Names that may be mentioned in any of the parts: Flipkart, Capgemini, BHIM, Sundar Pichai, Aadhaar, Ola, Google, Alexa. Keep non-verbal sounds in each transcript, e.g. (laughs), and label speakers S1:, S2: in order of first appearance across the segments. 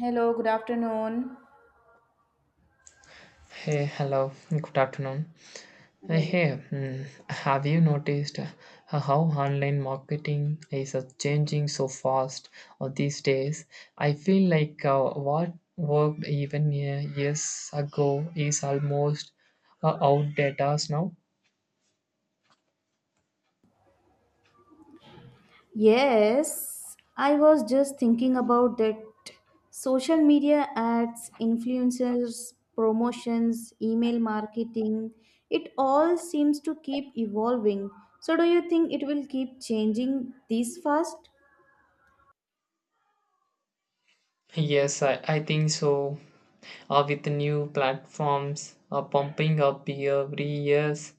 S1: Hello, good afternoon.
S2: Hey, hello, good afternoon.
S1: Yeah.
S2: Have you noticed how online marketing is changing so fast these days? I feel like what worked even years ago is almost outdated now.
S1: Yes, I was just thinking about that social media ads, influencers, promotions, email marketing, it all seems to keep evolving. So, do you think it will keep changing this fast?
S2: Yes, I think so. With the new platforms pumping up every years,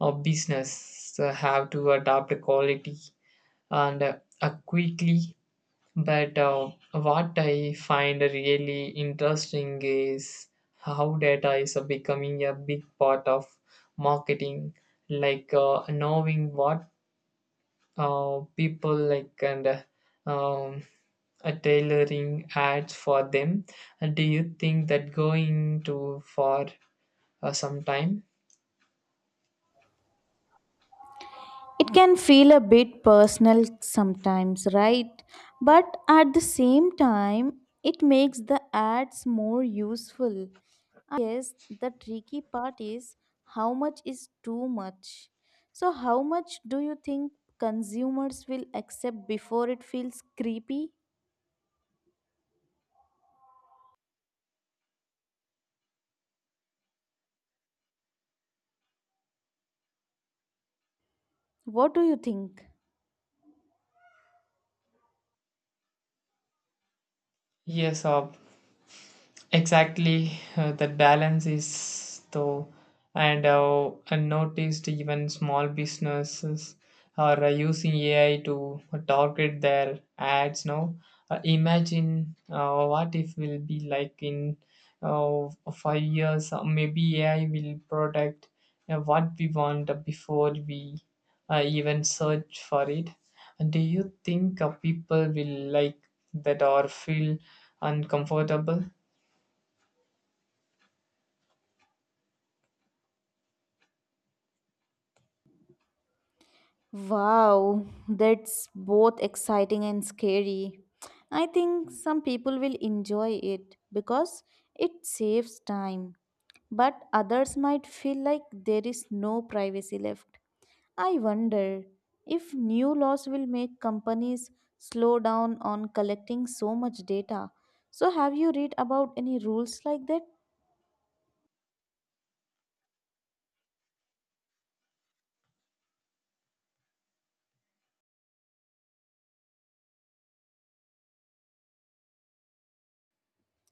S2: business have to adapt the quality and quickly. But what I find really interesting is how data is becoming a big part of marketing, like knowing what people like and um, tailoring ads for them. And do you think that going too far sometime?
S1: It can feel a bit personal sometimes, right? But at the same time, it makes the ads more useful. I guess the tricky part is how much is too much. So, how much do you think consumers will accept before it feels creepy? What do you think?
S2: Yes, uh, Exactly, that balance is though, and I noticed even small businesses are using AI to target their ads now. Imagine what if will be like in 5 years, maybe AI will protect what we want before we even search for it. And do you think people will like that or feel uncomfortable?
S1: Wow, that's both exciting and scary. I think some people will enjoy it because it saves time, but others might feel like there is no privacy left. I wonder if new laws will make companies slow down on collecting so much data. So, have you read about any rules like that?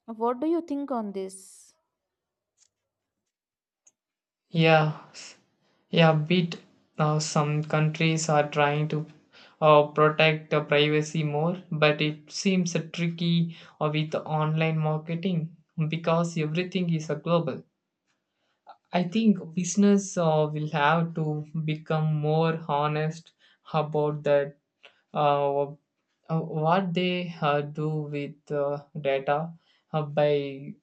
S1: What do you think on this?
S2: Yeah, s- yeah, bit now some countries are trying to protect the privacy more, but it seems a tricky with online marketing because everything is a global. I think business will have to become more honest about that uh, uh, what they do with data. By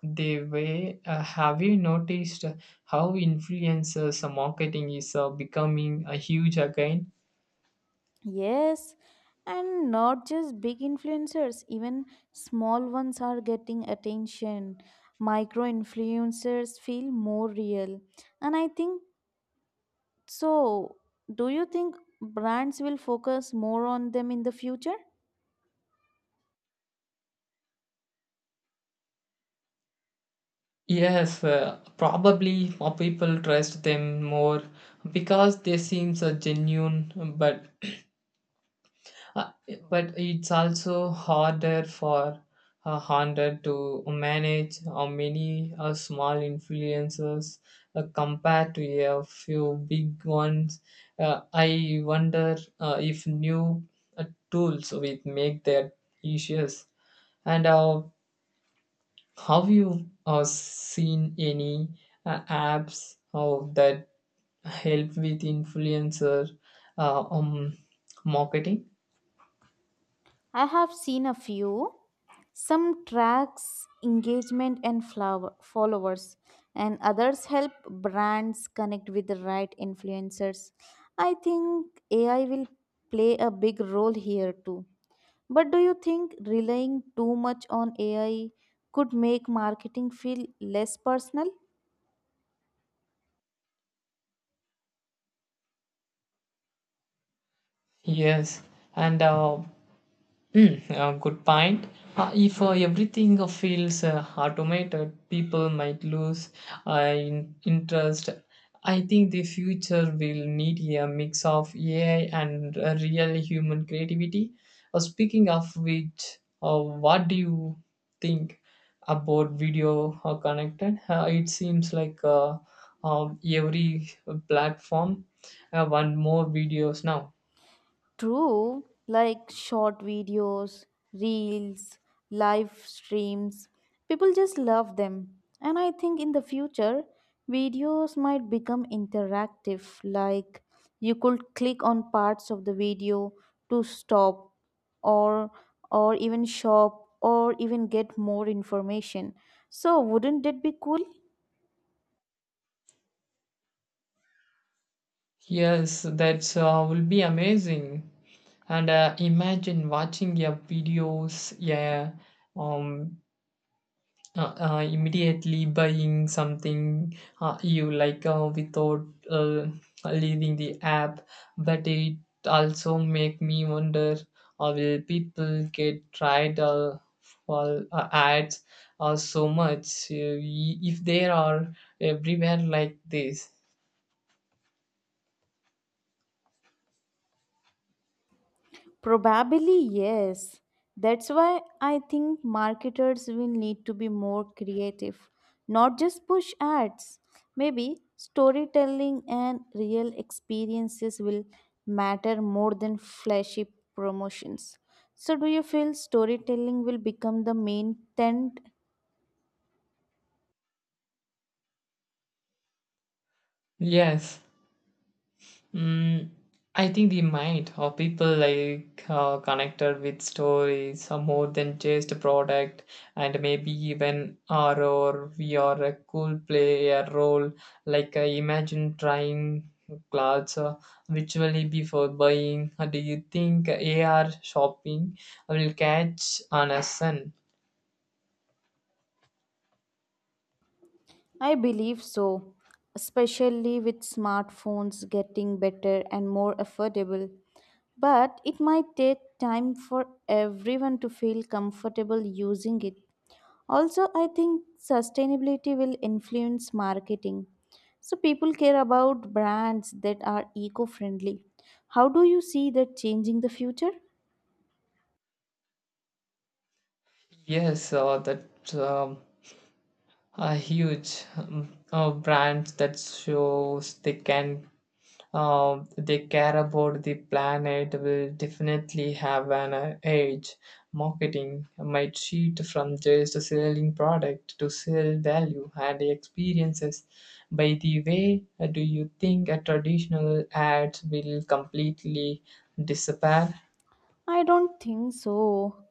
S2: they way, have you noticed how influencers marketing is becoming a huge again?
S1: Yes, and not just big influencers, even small ones are getting attention. Micro influencers feel more real. And I think so. Do you think brands will focus more on them in the future?
S2: Yes, probably more people trust them more because they seem so genuine. Uh, but it's also harder for Honda to manage how many small influences compared to a few big ones. I wonder if new tools will make that issues. And have you seen any apps of that help with influencer uh, um, marketing?
S1: I have seen a few. Some tracks engagement and flower followers, and others help brands connect with the right influencers. I think AI will play a big role here too. But do you think relying too much on AI could make marketing feel less personal?
S2: Yes, and good point. If everything feels automated, people might lose in interest. I think the future will need a mix of AI and real human creativity. Speaking of which, what do you think about video connected? It seems like every platform want more videos now.
S1: True, like short videos, reels, live streams, people just love them. And I think in the future, videos might become interactive, like you could click on parts of the video to stop or or even shop or even get more information. So wouldn't that be cool?
S2: Yes, that will be amazing. And imagine watching your videos, yeah, um, immediately buying something you like without leaving the app. But it also make me wonder, will people get tried for ads so much if they are everywhere like this?
S1: Probably yes. That's why I think marketers will need to be more creative, not just push ads. Maybe storytelling and real experiences will matter more than flashy promotions. So, do you feel storytelling will become the main trend?
S2: Yes. Mm, I think the mind of people like connected with stories are more than just a product, and maybe even R or VR could play a role. Like imagine trying clothes virtually before buying. Do you think AR shopping will catch on a sun?
S1: I believe so, especially with smartphones getting better and more affordable. But it might take time for everyone to feel comfortable using it. Also, I think sustainability will influence marketing. So, people care about brands that are eco friendly. How do you see that changing the future?
S2: Yes, that's a huge brand that shows they can they care about the planet will definitely have an edge. Marketing might shift from just selling product to sell value and experiences. By the way, do you think a traditional ads will completely disappear?
S1: I don't think so.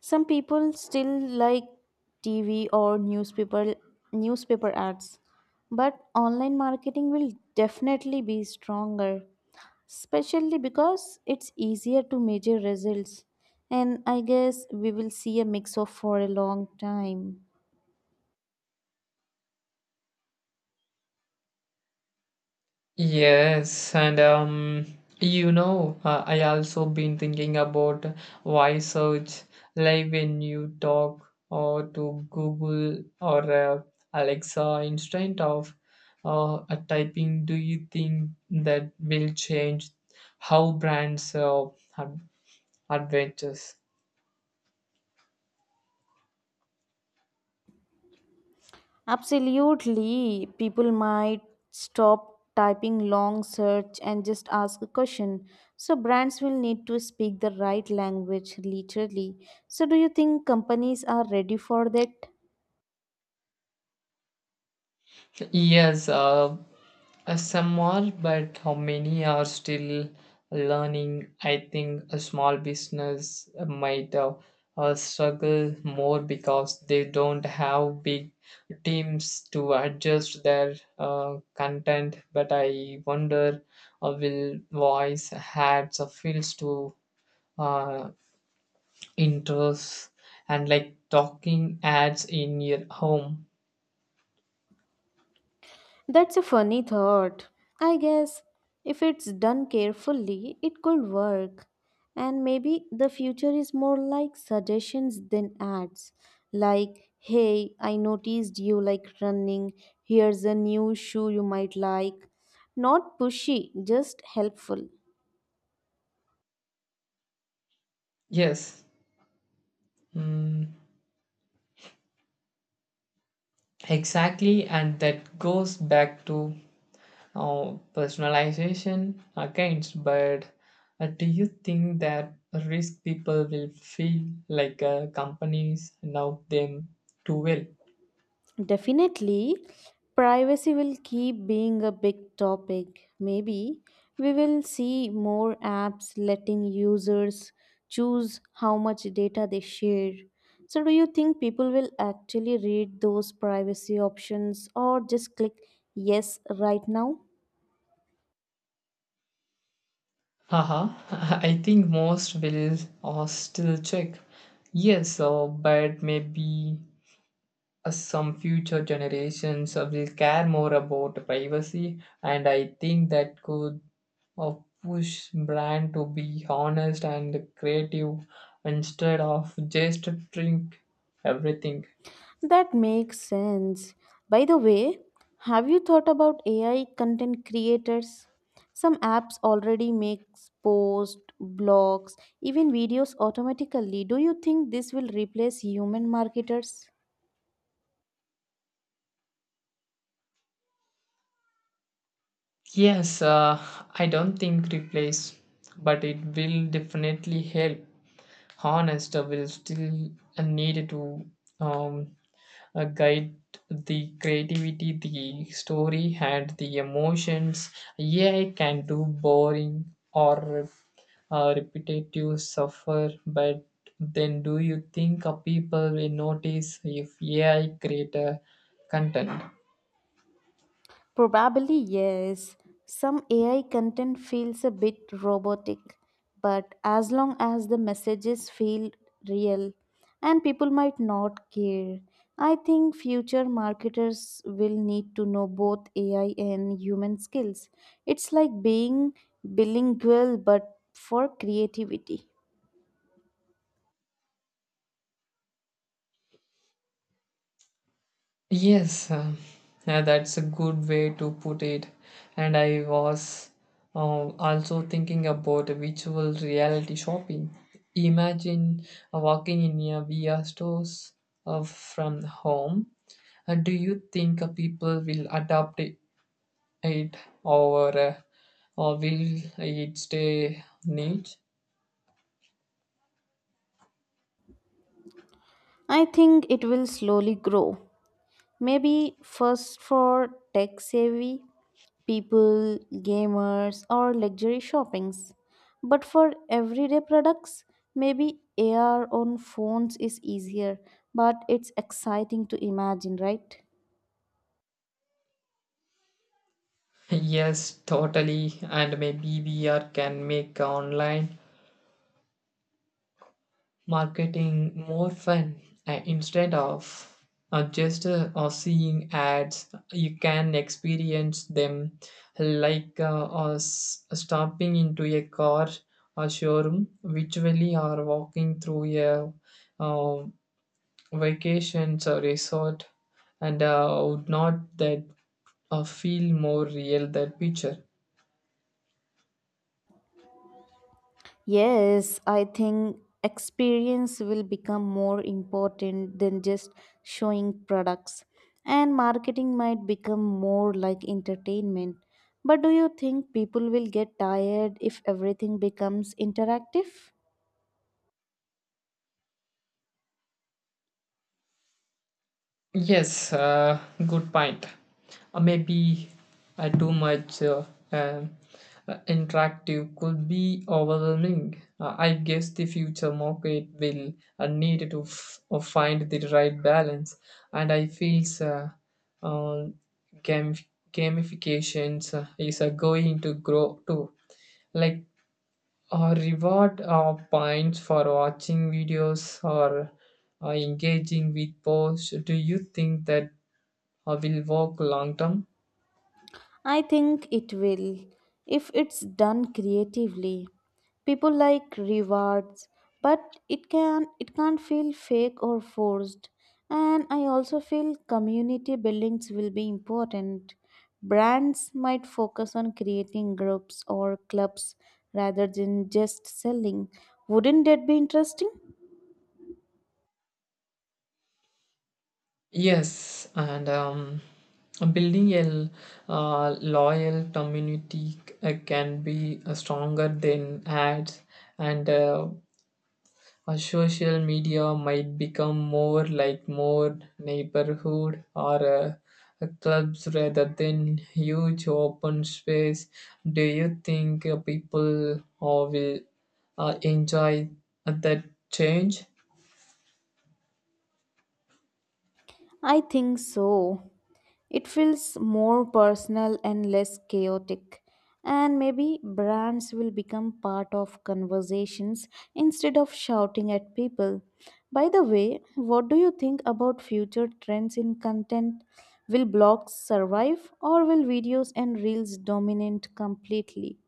S1: Some people still like TV or newspaper ads, but online marketing will definitely be stronger, especially because it's easier to measure results. And I guess we will see a mix of for a long time.
S2: Yes, and you know, I also been thinking about why search like when you talk or to Google or Alexa instead of typing. Do you think that will change how brands ad- adventures?
S1: Absolutely. People might stop typing long search and just ask a question. So brands will need to speak the right language literally. So do you think companies are ready for that?
S2: Yes, some are, but how many are still learning? I think a small business might struggle more because they don't have big teams to adjust their content. But I wonder will voice ads appeals to uh, interests and like talking ads in your home?
S1: That's a funny thought. I guess if it's done carefully, it could work. And maybe the future is more like suggestions than ads. Like, hey, I noticed you like running. Here's a new shoe you might like. Not pushy, just helpful.
S2: Yes. Mm. Exactly, and that goes back to oh, personalization against, but do you think that risk people will feel like companies know them too well?
S1: Definitely, privacy will keep being a big topic. Maybe we will see more apps letting users choose how much data they share. So, do you think people will actually read those privacy options or just click yes right now?
S2: Haha, (laughs) I think most will still check. Yes, but maybe some future generations will care more about privacy, and I think that could uh, push brand to be honest and creative instead of just drink everything.
S1: That makes sense. By the way, have you thought about AI content creators? Some apps already make posts, blogs, even videos automatically. Do you think this will replace human marketers?
S2: yes uh, I don't think replace, but it will definitely help honest will still need to um, guide the creativity, the story, and the emotions. AI can do boring or repetitive suffer, but then do you think people will notice if AI create a content?
S1: Probably yes. Some AI content feels a bit robotic, but as long as the messages feel real and people might not care, I think future marketers will need to know both AI and human skills. It's like being bilingual but for creativity.
S2: Yes, uh, yeah, that's a good way to put it. And I was uh, also thinking about virtual reality shopping. Imagine walking in a VR stores from home. Do you think people will adopt it, or uh, or will it stay niche? (laughs)
S1: I think it will slowly grow. Maybe first for tech savvy people, gamers, or luxury shoppings. But for everyday products, maybe AR on phones is easier, but it's exciting to imagine, right?
S2: Yes, totally. And maybe VR can make online marketing more fun instead of just seeing ads you can experience them like s- stopping into a car or showroom virtually, or walking through a uh, vacation or resort, and would not that feel more real that picture?
S1: Yes, I think experience will become more important than just showing products, and marketing might become more like entertainment. But do you think people will get tired if everything becomes interactive?
S2: Yes, good point. Maybe too much um, interactive could be overwhelming. I guess the future market will need to find the right balance, and I feel uh, gam- gamifications is going to grow too. Like reward points for watching videos or engaging with posts. Do you think that will work long term?
S1: I think it will, if it's done creatively. People like rewards, but it can't feel fake or forced. And I also feel community buildings will be important. Brands might focus on creating groups or clubs rather than just selling. Wouldn't that be interesting?
S2: Yes, and building a loyal community can be stronger than ads, and social media might become more like more neighborhood or clubs rather than huge open space. Do you think people will enjoy that change?
S1: I think so. It feels more personal and less chaotic. And maybe brands will become part of conversations instead of shouting at people. By the way, what do you think about future trends in content? Will blogs survive or will videos and reels dominate completely?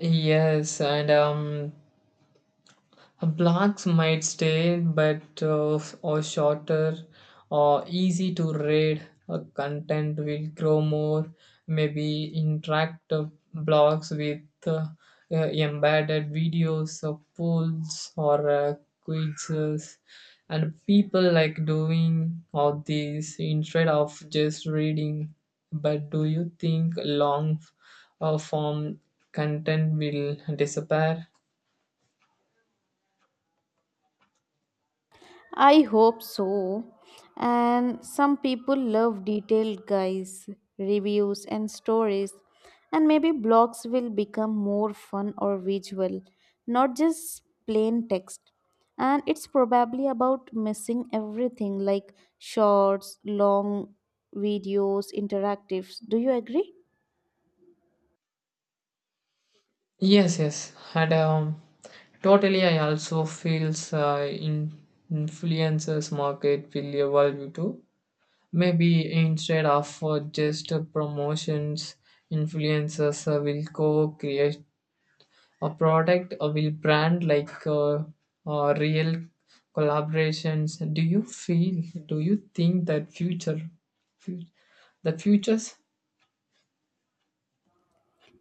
S2: Yes, and blocks might stay, but or shorter or easy to read. Content will grow more. Maybe interactive blogs with uh, embedded videos or polls or quizzes, and people like doing all these instead of just reading. But do you think long form content will disappear?
S1: I hope so. And some people love detailed guides, reviews, and stories. And maybe blogs will become more fun or visual, not just plain text. And it's probably about missing everything like shorts, long videos, interactives. Do you agree?
S2: Yes, yes. And totally, I also feels in influencers market will evolve you too. Maybe instead of just promotions, influencers will co-create a product or will brand like real collaborations. Do you feel? Do you think that fut- the futures?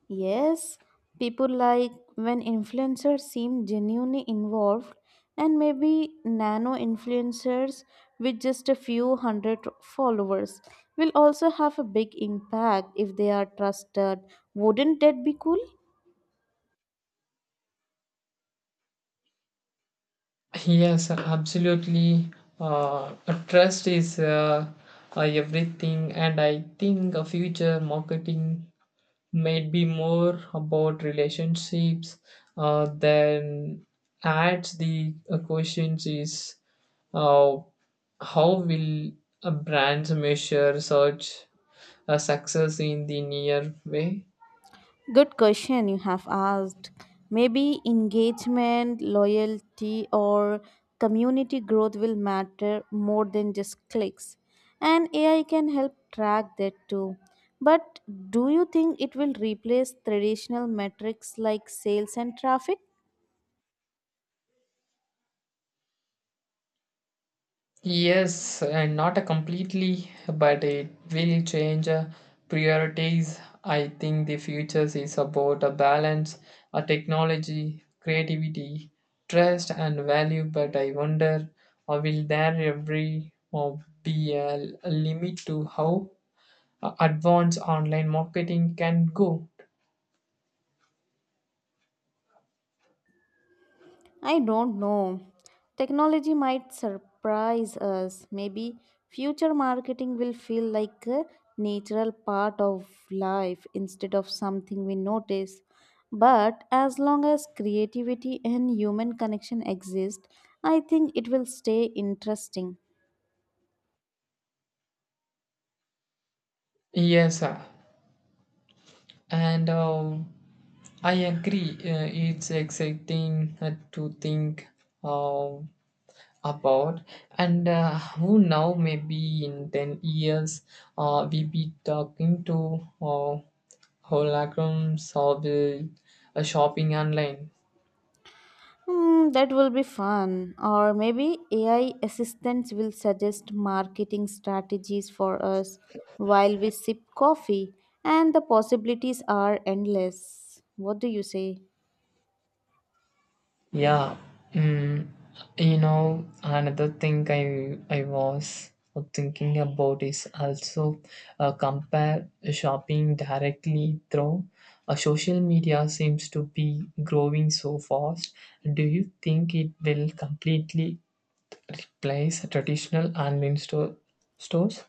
S1: Yes, people like when influencers seem genuinely involved, and maybe nano influencers with just a few hundred followers will also have a big impact if they are trusted. Wouldn't that be cool?
S2: Yes, absolutely. Uh, Trust is everything, and I think a future marketing might be more about relationships than ads. The question is, uh, how will a brand measure such a success in the near way?
S1: Good question you have asked. Maybe engagement, loyalty, or community growth will matter more than just clicks. And AI can help track that too. But do you think it will replace traditional metrics like sales and traffic?
S2: Yes, and not a completely, but it will change priorities. I think the future is about a balance, a technology, creativity, trust, and value. But I wonder, will there ever uh, be a limit to how advanced online marketing can go?
S1: I don't know. Technology might surprise us. Maybe future marketing will feel like a natural part of life instead of something we notice. But as long as creativity and human connection exist, I think it will stay interesting.
S2: Yes, sir. And I agree. It's exciting to think. Uh, about and who now maybe in 10 years we be talking to holograms or the shopping online.
S1: Hmm, that will be fun. Or maybe AI assistants will suggest marketing strategies for us while we sip coffee, and the possibilities are endless. What do you say?
S2: yeah mm, you know, another thing I was thinking about is also compare shopping directly through social media seems to be growing so fast. Do you think it will completely replace traditional online stores?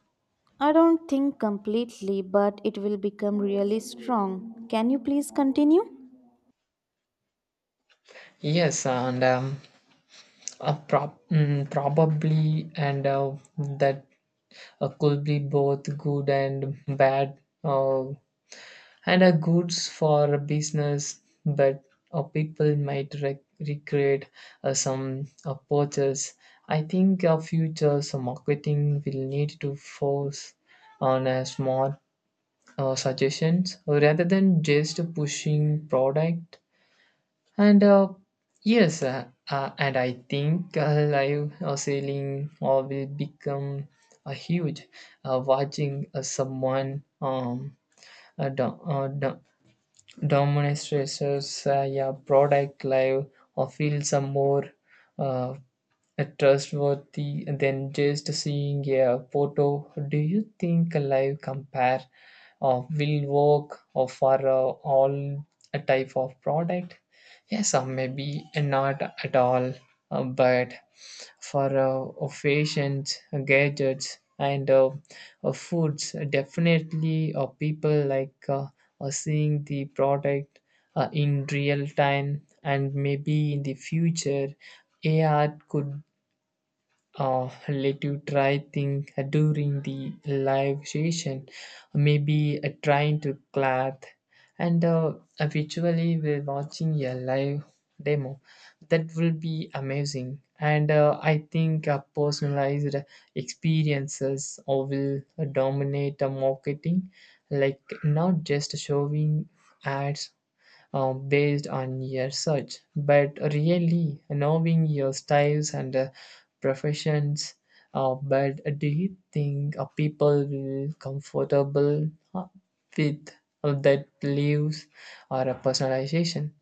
S1: I don't think completely, but it will become really strong. Can you please continue?
S2: Yes, and probably, and that could be both good and bad, uh, and goods for business, but people might recreate some purchase. I think our future some marketing will need to force on a smart suggestions rather than just pushing product. And yes, and I think live sailing will become a huge. Watching someone uh, do- uh, do- demonstrators yeah, product live or feel some more uh, a trustworthy than just seeing a photo. Do you think a live compare will work or for all a type of product? Yes, or maybe not at all, but for fashions, gadgets, and foods, definitely people like seeing the product in real time. And maybe in the future, AR could let you try thing during the live session, maybe trying to clap and visually we're watching a live demo. That will be amazing, and I think personalized experiences or will dominate the marketing, like not just showing ads based on your search, but really knowing your styles and professions. But do you think people will comfortable uh, with that beliefs or a personalization?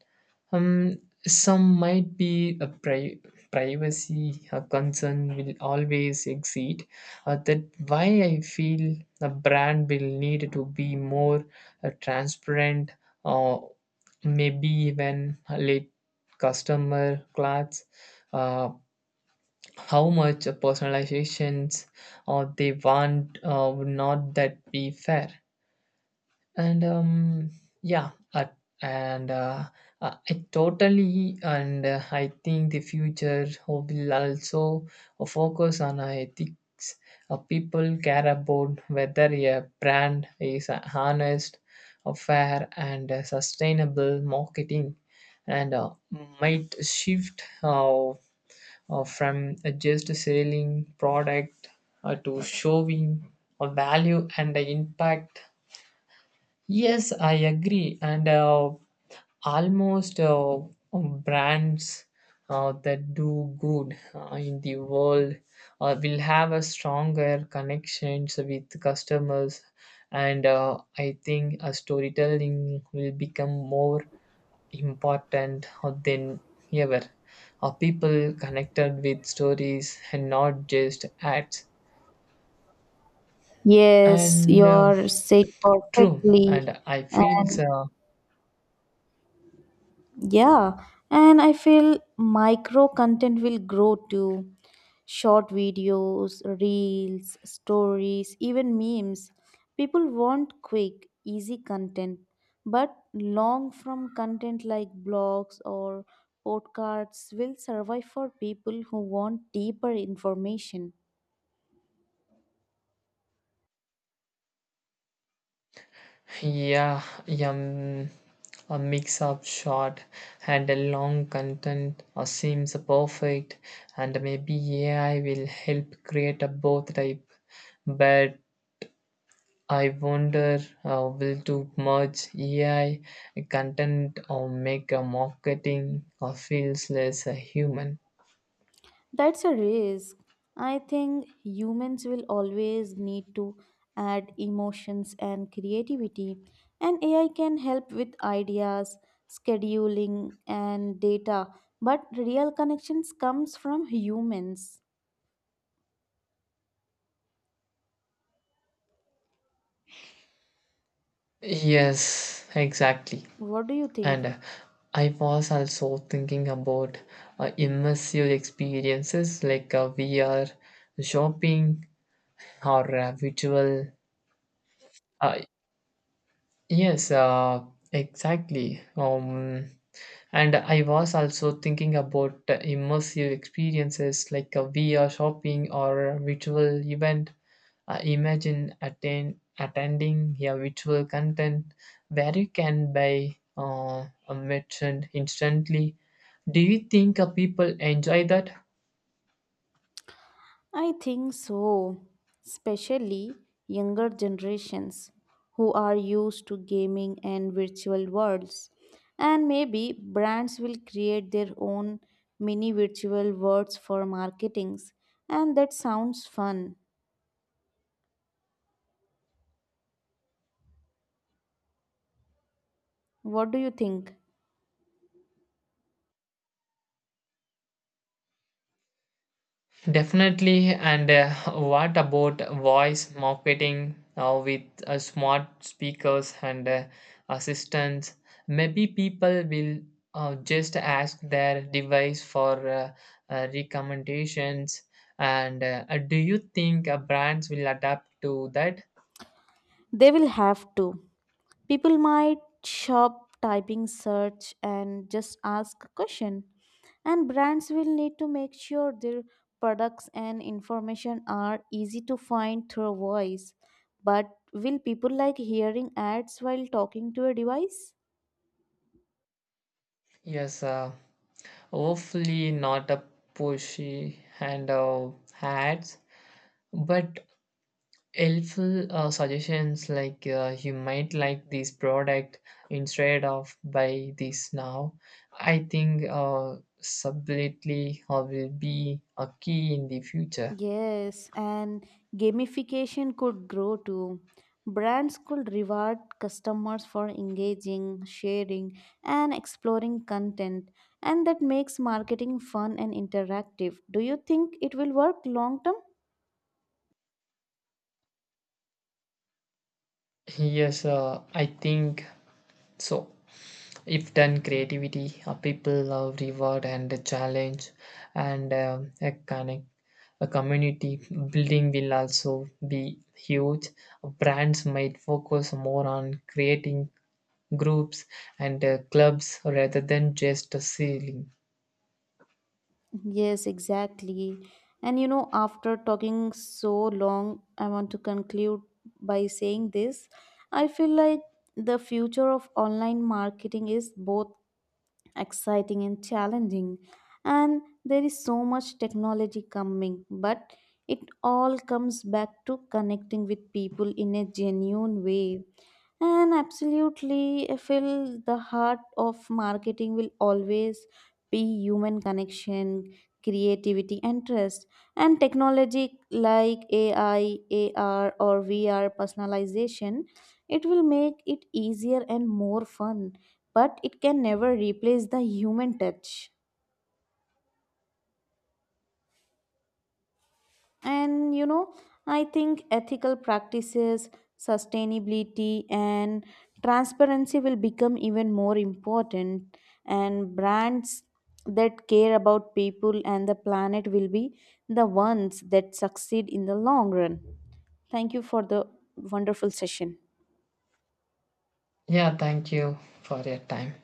S2: Um, some might be a privacy a concern will always exceed. That why I feel a brand will need to be more transparent, or maybe even let customer clothes. Uh, how much personalizations or they want, would not that be fair? And um yeah uh, and uh, uh, i totally, and I think the future will also focus on ethics. People care about whether a brand is honest, fair, and sustainable marketing, and might shift from just selling product to showing a value and the impact. Yes, I agree. And almost brands that do good in the world will have a stronger connections with customers. And I think a storytelling will become more important than ever. People connected with stories and not just ads.
S1: Yes,
S2: And
S1: you're said
S2: true.
S1: perfectly.
S2: And I feel
S1: And
S2: so.
S1: yeah, and I feel micro content will grow too. Short videos, reels, stories, even memes. People want quick, easy content, but long form content like blogs or podcasts will survive for people who want deeper information.
S2: Yeah, yum. A mix up shot and a long content seems perfect, and maybe AI will help create a both type. But I wonder, will to merge AI content or make a marketing or feels less human?
S1: That's a risk. I think humans will always need to add emotions and creativity, and AI can help with ideas, scheduling, and data. But real connections comes from humans.
S2: Yes, exactly.
S1: What do you think?
S2: And I was also thinking about immersive experiences like VR, shopping, or virtual uh, Yes, exactly. And I was also thinking about immersive experiences like a VR shopping or a virtual event. Imagine attending a virtual content where you can buy a merchant instantly. Do you think people enjoy that?
S1: I think so, especially younger generations who are used to gaming and virtual worlds. And maybe brands will create their own mini virtual worlds for marketings, and that sounds fun. What do you think?
S2: Definitely. And what about voice marketing now with smart speakers and assistants? Maybe people will just ask their device for recommendations. And do you think brands will adapt to that?
S1: They will have to. People might shop typing search and just ask a question. And brands will need to make sure their products and information are easy to find through voice. But will people like hearing ads while talking to a device?
S2: Yes, hopefully not a pushy and ads, but helpful suggestions like you might like this product instead of buy this now. I think subtlety will be a key in the future.
S1: Yes, and gamification could grow too. Brands could reward customers for engaging, sharing, and exploring content, and that makes marketing fun and interactive. Do you think it will work long term?
S2: Yes I think so. If done creativity, people love reward and the challenge, and a connect a community building will also be huge. Brands might focus more on creating groups and clubs rather than just a ceiling.
S1: Yes, exactly. And you know, after talking so long, I want to conclude by saying this. I feel like the future of online marketing is both exciting and challenging, and there is so much technology coming, but it all comes back to connecting with people in a genuine way. And absolutely, I feel the heart of marketing will always be human connection, creativity, and trust. And technology like AI, AR, or VR personalization, it will make it easier and more fun, but it can never replace the human touch. And you know, I think ethical practices, sustainability, and transparency will become even more important, and brands that care about people and the planet will be the ones that succeed in the long run. Thank you for the wonderful session.
S2: Yeah, thank you for your time.